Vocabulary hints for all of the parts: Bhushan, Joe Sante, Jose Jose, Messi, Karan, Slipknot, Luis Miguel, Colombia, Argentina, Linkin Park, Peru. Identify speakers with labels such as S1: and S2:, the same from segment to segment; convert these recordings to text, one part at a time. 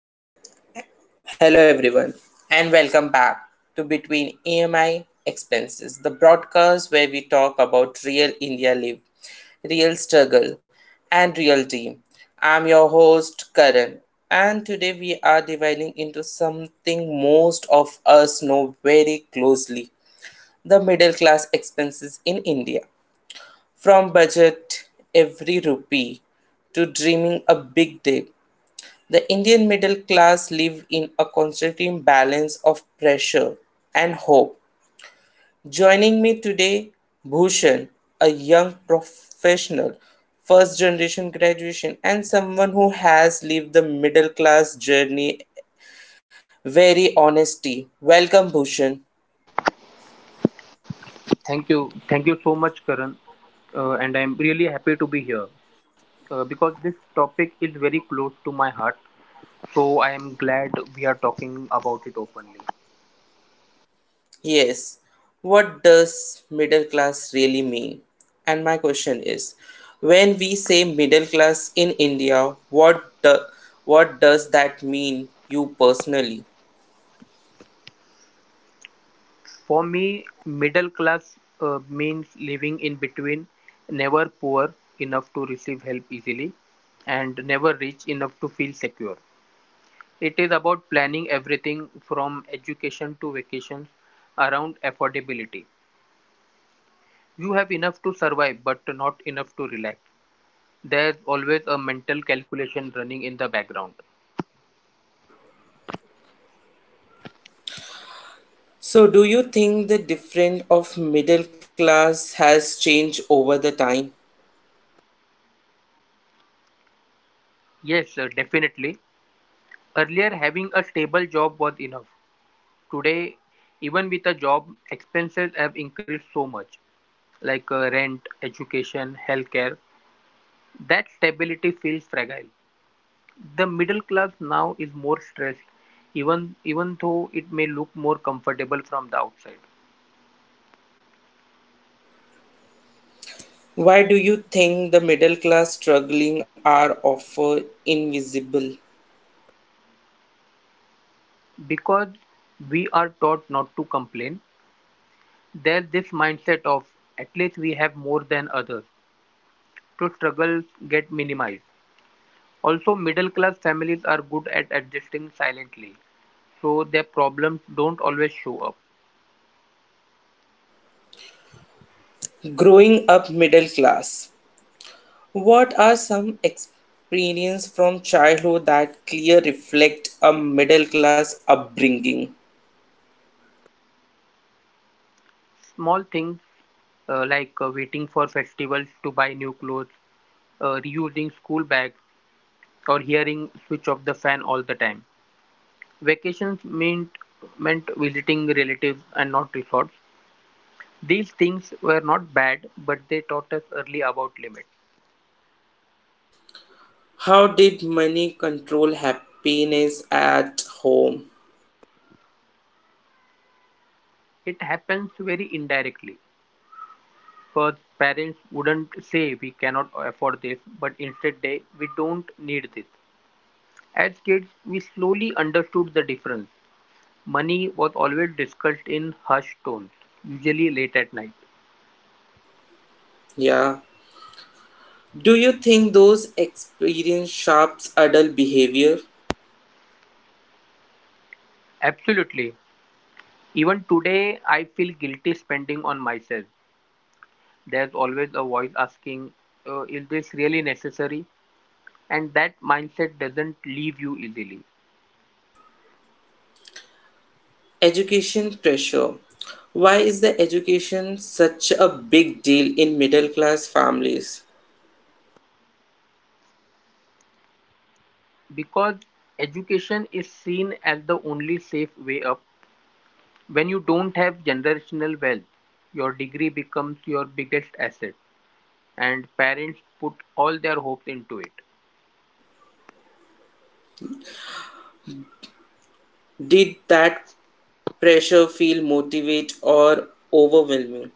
S1: Hello, hello everyone, and welcome back to Between EMI Expenses, the broadcast where we talk about real India live, real struggle, and real team. I'm your host Karan, and today we are dividing into something most of us know very closely the middle class expenses in India. From budget every rupee to dreaming a big day the Indian middle class live in a constant balance of pressure and hope. Joining me today, Bhushan, a young professional, first generation graduation, and someone who has lived the middle class journey very honestly. Welcome, Bhushan.
S2: Thank you. Thank you so much, Karan. And I'm really happy to be here because this topic is very close to my heart. So I am glad we are talking about it openly.
S1: Yes, what does middle class really mean? And my question is, when we say middle class in India, what do, what does that mean you personally?
S2: For me, middle class means living in between, never poor enough to receive help easily, and never rich enough to feel secure. It is about planning everything from education to vacations around affordability. You have enough to survive, but not enough to relax. There's always a mental calculation running in the background.
S1: So do you think the difference of middle class has changed over the time?
S2: Yes, definitely. Earlier, having a stable job was enough. Today, even with a job, expenses have increased so much, like rent, education, healthcare. That stability feels fragile. The middle class now is more stressed, even though it may look more comfortable from the outside.
S1: Why do you think the middle class struggling are often invisible?
S2: Because we are taught not to complain, there's this mindset of at least we have more than others. To struggle get minimized. Also, middle class families are good at adjusting silently, so their problems don't always show up.
S1: Growing up middle class, what are some experiences from childhood that clear reflect a middle class upbringing?
S2: Small things like waiting for festivals to buy new clothes, reusing school bags, or hearing switch off the fan all the time. Vacations meant visiting relatives and not resorts. These things were not bad, but they taught us early about limits.
S1: How did money control happiness at home?
S2: It happens very indirectly. First, parents wouldn't say we cannot afford this, but instead they we don't need this. As kids, we slowly understood the difference. Money was always discussed in hushed tones, usually late at night.
S1: Yeah. Do you think those experiences shapes adult behavior?
S2: Absolutely. Even today, I feel guilty spending on myself. There's always a voice asking, is this really necessary? And that mindset doesn't leave you easily.
S1: Education pressure. Why is the education such a big deal in middle class families?
S2: Because education is seen as the only safe way up, when you don't have generational wealth, your degree becomes your biggest asset, and parents put all their hopes into it.
S1: Did that pressure feel motivate or overwhelming?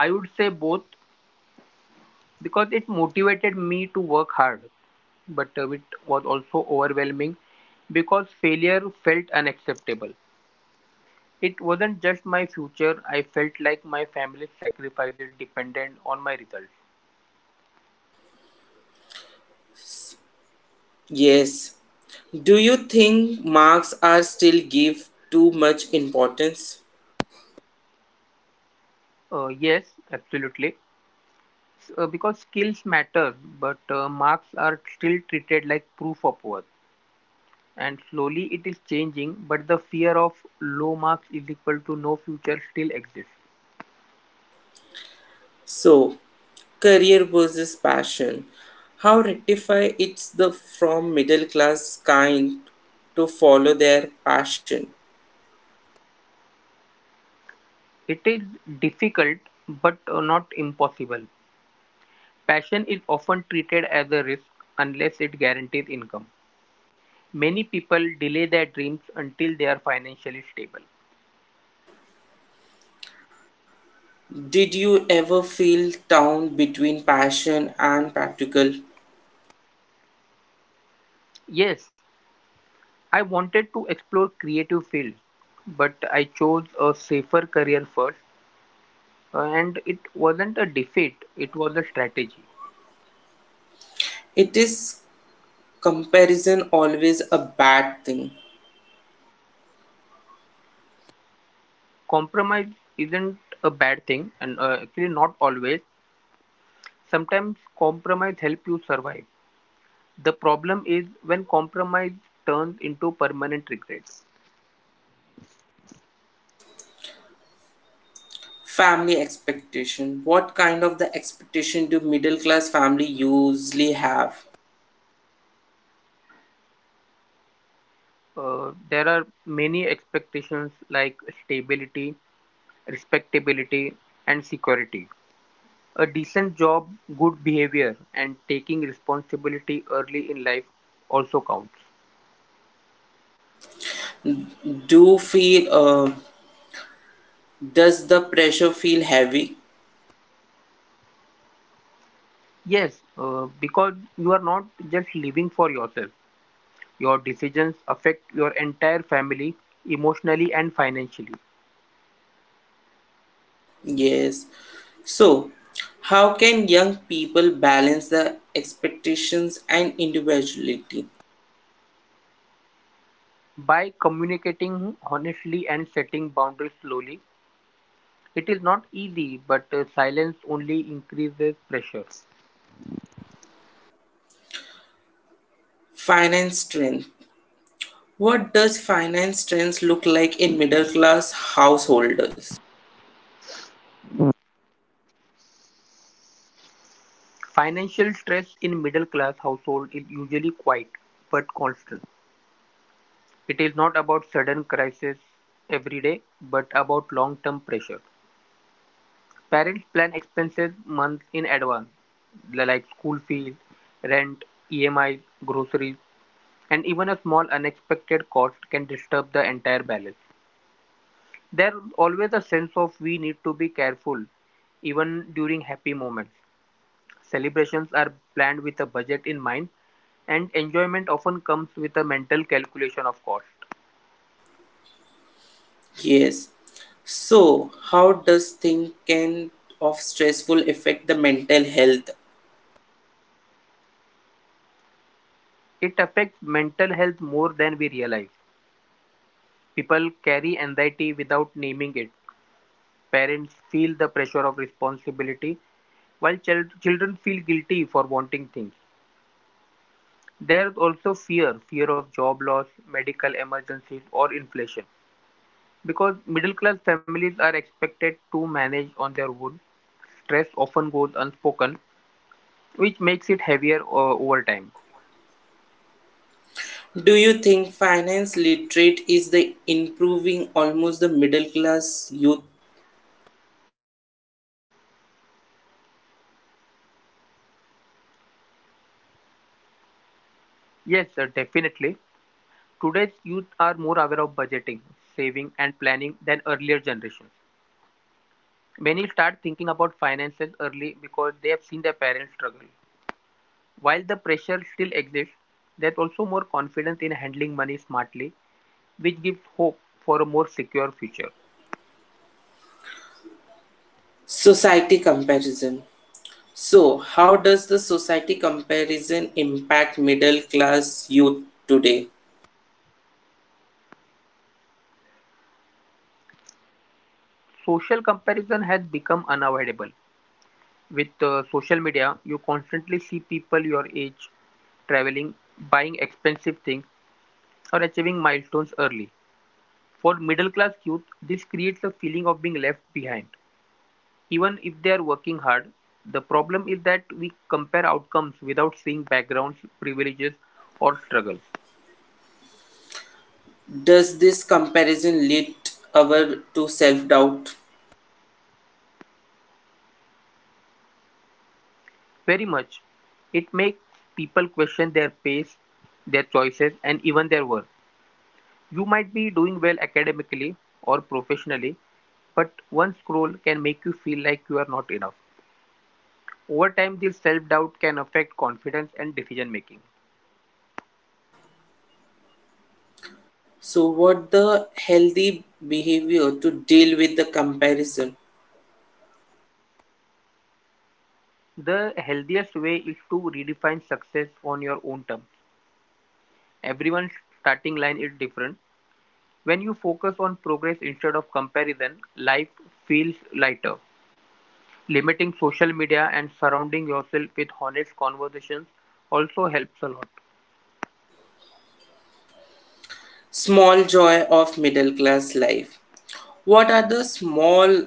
S2: I would say both because it motivated me to work hard, but it was also overwhelming because failure felt unacceptable. It wasn't just my future, I felt like my family's sacrifices depended on my results.
S1: Yes. Do you think marks are still give too much importance?
S2: Yes, absolutely. Because skills matter, but marks are still treated like proof of worth. And slowly it is changing, but the fear of low marks is equal to no future still exists.
S1: So, career versus passion. How rectify it's the from middle class kind to follow their passion?
S2: It is difficult, but not impossible. Passion is often treated as a risk unless it guarantees income. Many people delay their dreams until they are financially stable.
S1: Did you ever feel down between passion and practical?
S2: Yes, I wanted to explore creative fields, but I chose a safer career first, and it wasn't a defeat, it was a strategy.
S1: It is comparison always a bad thing.
S2: Compromise isn't a bad thing and actually not always. Sometimes compromise help you survive. The problem is when compromise turns into permanent regret.
S1: Family expectation. What kind of the expectation do middle class family usually have?
S2: There are many expectations like stability, respectability, and security, a decent job, good behavior, and taking responsibility early in life also counts.
S1: Do feel, does the pressure feel heavy?
S2: Yes, because you are not just living for yourself. Your decisions affect your entire family emotionally and financially.
S1: Yes, so how can young people balance the expectations and individuality?
S2: By communicating honestly and setting boundaries slowly, it is not easy, but silence only increases pressure.
S1: Finance strength. What does finance strength look like in middle class householders?
S2: Financial stress in middle class household is usually quiet but constant. It is not about sudden crisis every day, but about long term pressure. Parents plan expenses months in advance, like school fees, rent, EMI, groceries. And even a small unexpected cost can disturb the entire balance. There's always a sense of we need to be careful, even during happy moments. Celebrations are planned with a budget in mind, and enjoyment often comes with a mental calculation of cost.
S1: Yes, so, how does thinking of stressful affect the mental health?
S2: It affects mental health more than we realize. People carry anxiety without naming it. Parents feel the pressure of responsibility, while children feel guilty for wanting things. There is also fear of job loss, medical emergencies, or inflation because middle class families are expected to manage on their own. Stress often goes unspoken, which makes it heavier over time.
S1: Do you think finance literate is the improving almost the middle class youth?
S2: Yes, sir, definitely. Today's youth are more aware of budgeting, saving, and planning than earlier generations. Many start thinking about finances early because they have seen their parents struggle. While the pressure still exists, there's also more confidence in handling money smartly which gives hope for a more secure future.
S1: Society comparison. So, how does the society comparison impact middle class youth today?
S2: Social comparison has become unavoidable. With social media, you constantly see people your age traveling, buying expensive things, or achieving milestones early. For middle class youth, this creates a feeling of being left behind. Even if they are working hard, the problem is that we compare outcomes without seeing backgrounds, privileges, or struggles.
S1: Does this comparison lead our to self doubt?
S2: Very much, it makes people question their pace, their choices, and even their worth. You might be doing well academically or professionally, but one scroll can make you feel like you are not enough. Over time, this self doubt can affect confidence and decision making.
S1: So, what the healthy behavior to deal with the comparison?
S2: The healthiest way is to redefine success on your own terms. Everyone's starting line is different. When you focus on progress instead of comparison, life feels lighter. Limiting social media and surrounding yourself with honest conversations also helps a lot.
S1: Small joy of middle class life. What are the small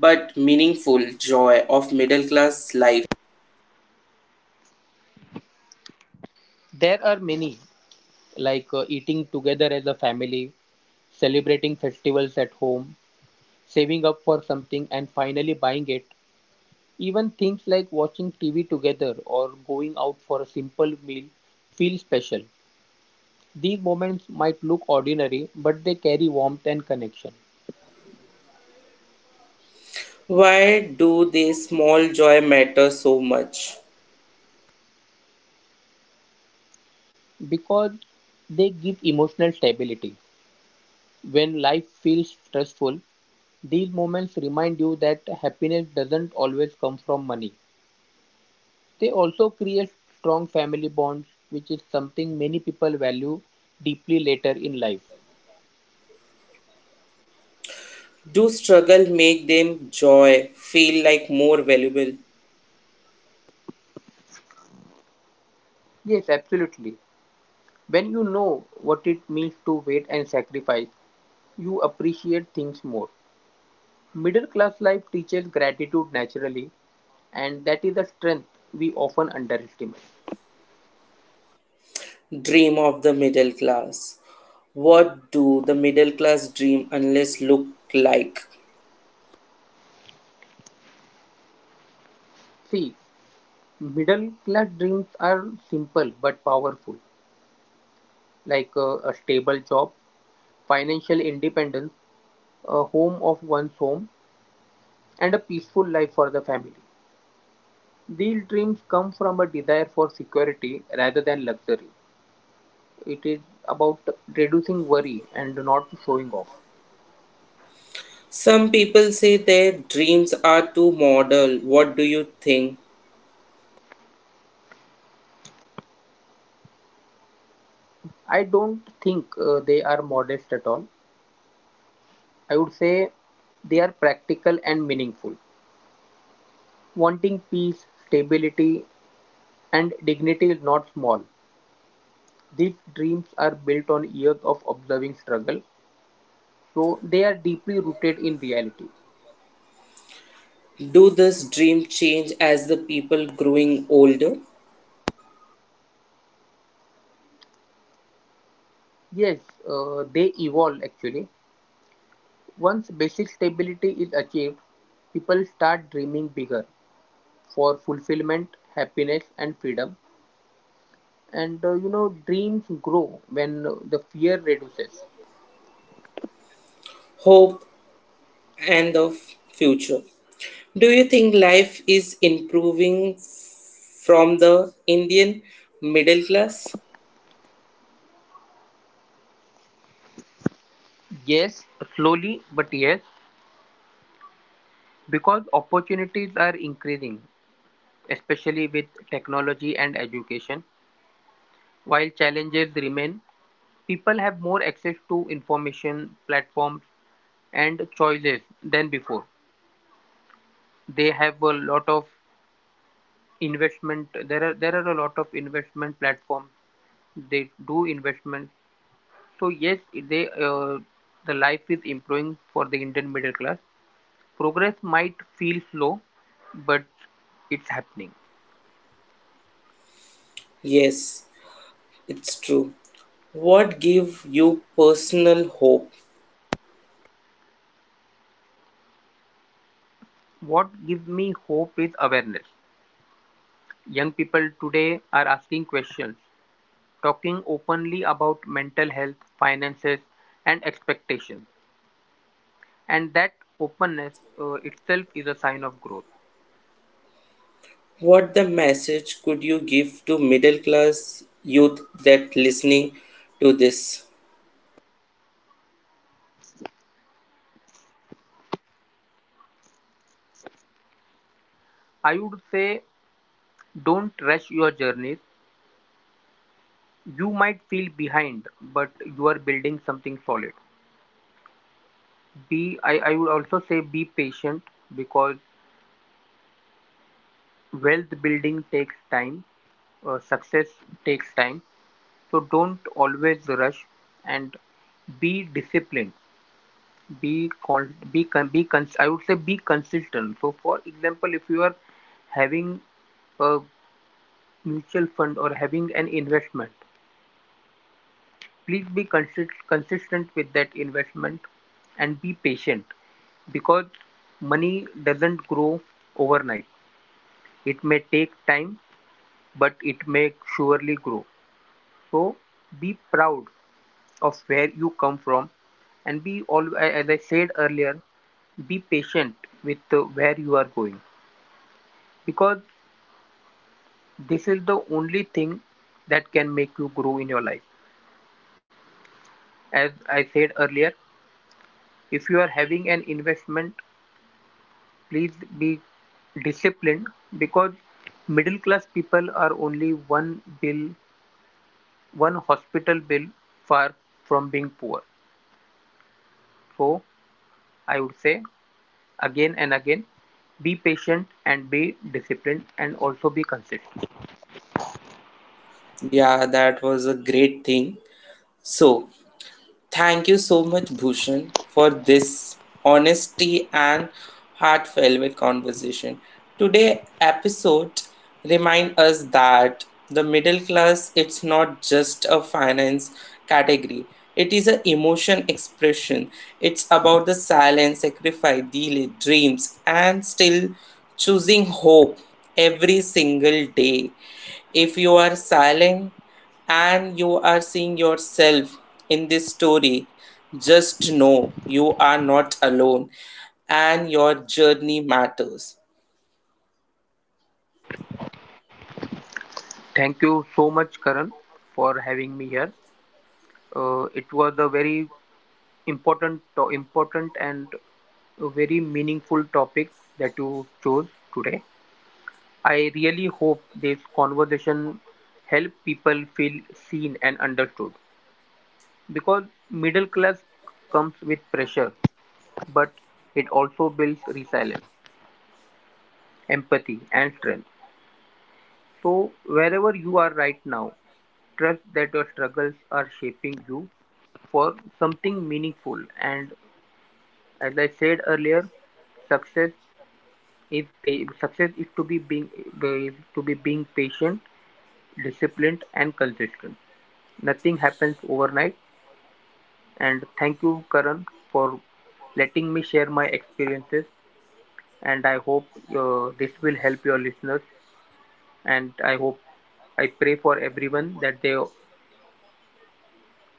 S1: but meaningful joy of middle class life?
S2: There are many, like eating together as a family, celebrating festivals at home, saving up for something and finally buying it. Even things like watching TV together or going out for a simple meal feel special. These moments might look ordinary, but they carry warmth and connection
S1: Why do these small joy matter so much?
S2: because they give emotional stability. When life feels stressful, these moments remind you that happiness doesn't always come from money. They also create strong family bonds, which is something many people value deeply later in life.
S1: Do struggle make them joy feel like more valuable?
S2: Yes, absolutely. When you know what it means to wait and sacrifice, you appreciate things more. Middle class life teaches gratitude naturally, and that is a strength we often underestimate.
S1: Dream of the middle class. What do the middle class dream unless look like?
S2: See, middle class dreams are simple but powerful, like a stable job, financial independence, a home of one's home, and a peaceful life for the family. These dreams come from a desire for security rather than luxury. It is about reducing worry and not showing off.
S1: Some people say their dreams are too model. What do you think?
S2: I don't think they are modest at all. I would say they are practical and meaningful. Wanting peace, stability, and dignity is not small. These dreams are built on years of observing struggle, so they are deeply rooted in reality.
S1: Do this dream change as the people growing older?
S2: Yes, they evolve actually. Once basic stability is achieved, people start dreaming bigger for fulfillment, happiness, and freedom. And You know, dreams grow when the fear reduces.
S1: Hope and the future. Do you think life is improving from the Indian middle class?
S2: Yes, slowly, but yes, because opportunities are increasing, especially with technology and education, while challenges remain. People have more access to information, platforms, and choices than before. They have a lot of investment. There are a lot of investment platforms. They do investment. So yes, the life is improving for the Indian middle class. Progress might feel slow, but it's happening.
S1: Yes, it's true. What gave you personal hope?
S2: What gives me hope is awareness. Young people today are asking questions, talking openly about mental health, finances, and expectations, and that openness itself is a sign of growth.
S1: What the message could you give to middle class youth that listening to this?
S2: I would say, don't rush your journeys. You might feel behind, but you are building something solid. I would also say be patient because wealth building takes time. Success takes time, so don't always rush, and be disciplined. Be con be con be cons I would say be consistent. So for example, if you are having a mutual fund or having an investment, please be consistent with that investment and be patient because money doesn't grow overnight. It may take time, but it may surely grow. So be proud of where you come from and be all, as I said earlier, be patient with where you are going. Because this is the only thing that can make you grow in your life. As I said earlier, if you are having an investment, please be disciplined because middle class people are only one bill, one hospital bill far from being poor. So I would say again and again, be patient and be disciplined and also be consistent.
S1: Yeah, that was a great thing. So, thank you so much, Bhushan, for this honesty and heartfelt conversation. Today episode remind us that the middle class it's not just a finance category. It is an emotion expression. It's about the silent sacrifice, delay, dreams, and still choosing hope every single day. If you are silent, and you are seeing yourself in this story, just know you are not alone and your journey matters.
S2: Thank you so much, Karan, for having me here. It was a very important and a very meaningful topic that you chose today. I really hope this conversation help people feel seen and understood because middle class comes with pressure, but it also builds resilience, empathy, and strength. So wherever you are right now, trust that your struggles are shaping you for something meaningful. And as I said earlier, success, If pa- success is to be being patient, disciplined, and consistent. Nothing happens overnight. And thank you, Karan, for letting me share my experiences. And I hope this will help your listeners. And I hope I pray for everyone that they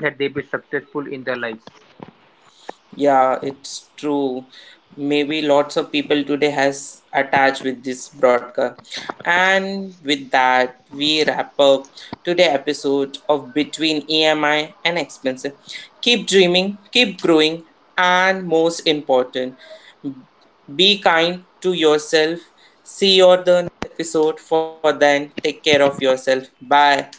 S2: that they be successful in their life.
S1: Yeah, it's true. Maybe lots of people today has attached with this broadcast. And with that, we wrap up today episode of Between EMI and Expenses. Keep dreaming, keep growing, and most important, be kind to yourself. See you on the next episode. For then, take care of yourself. Bye.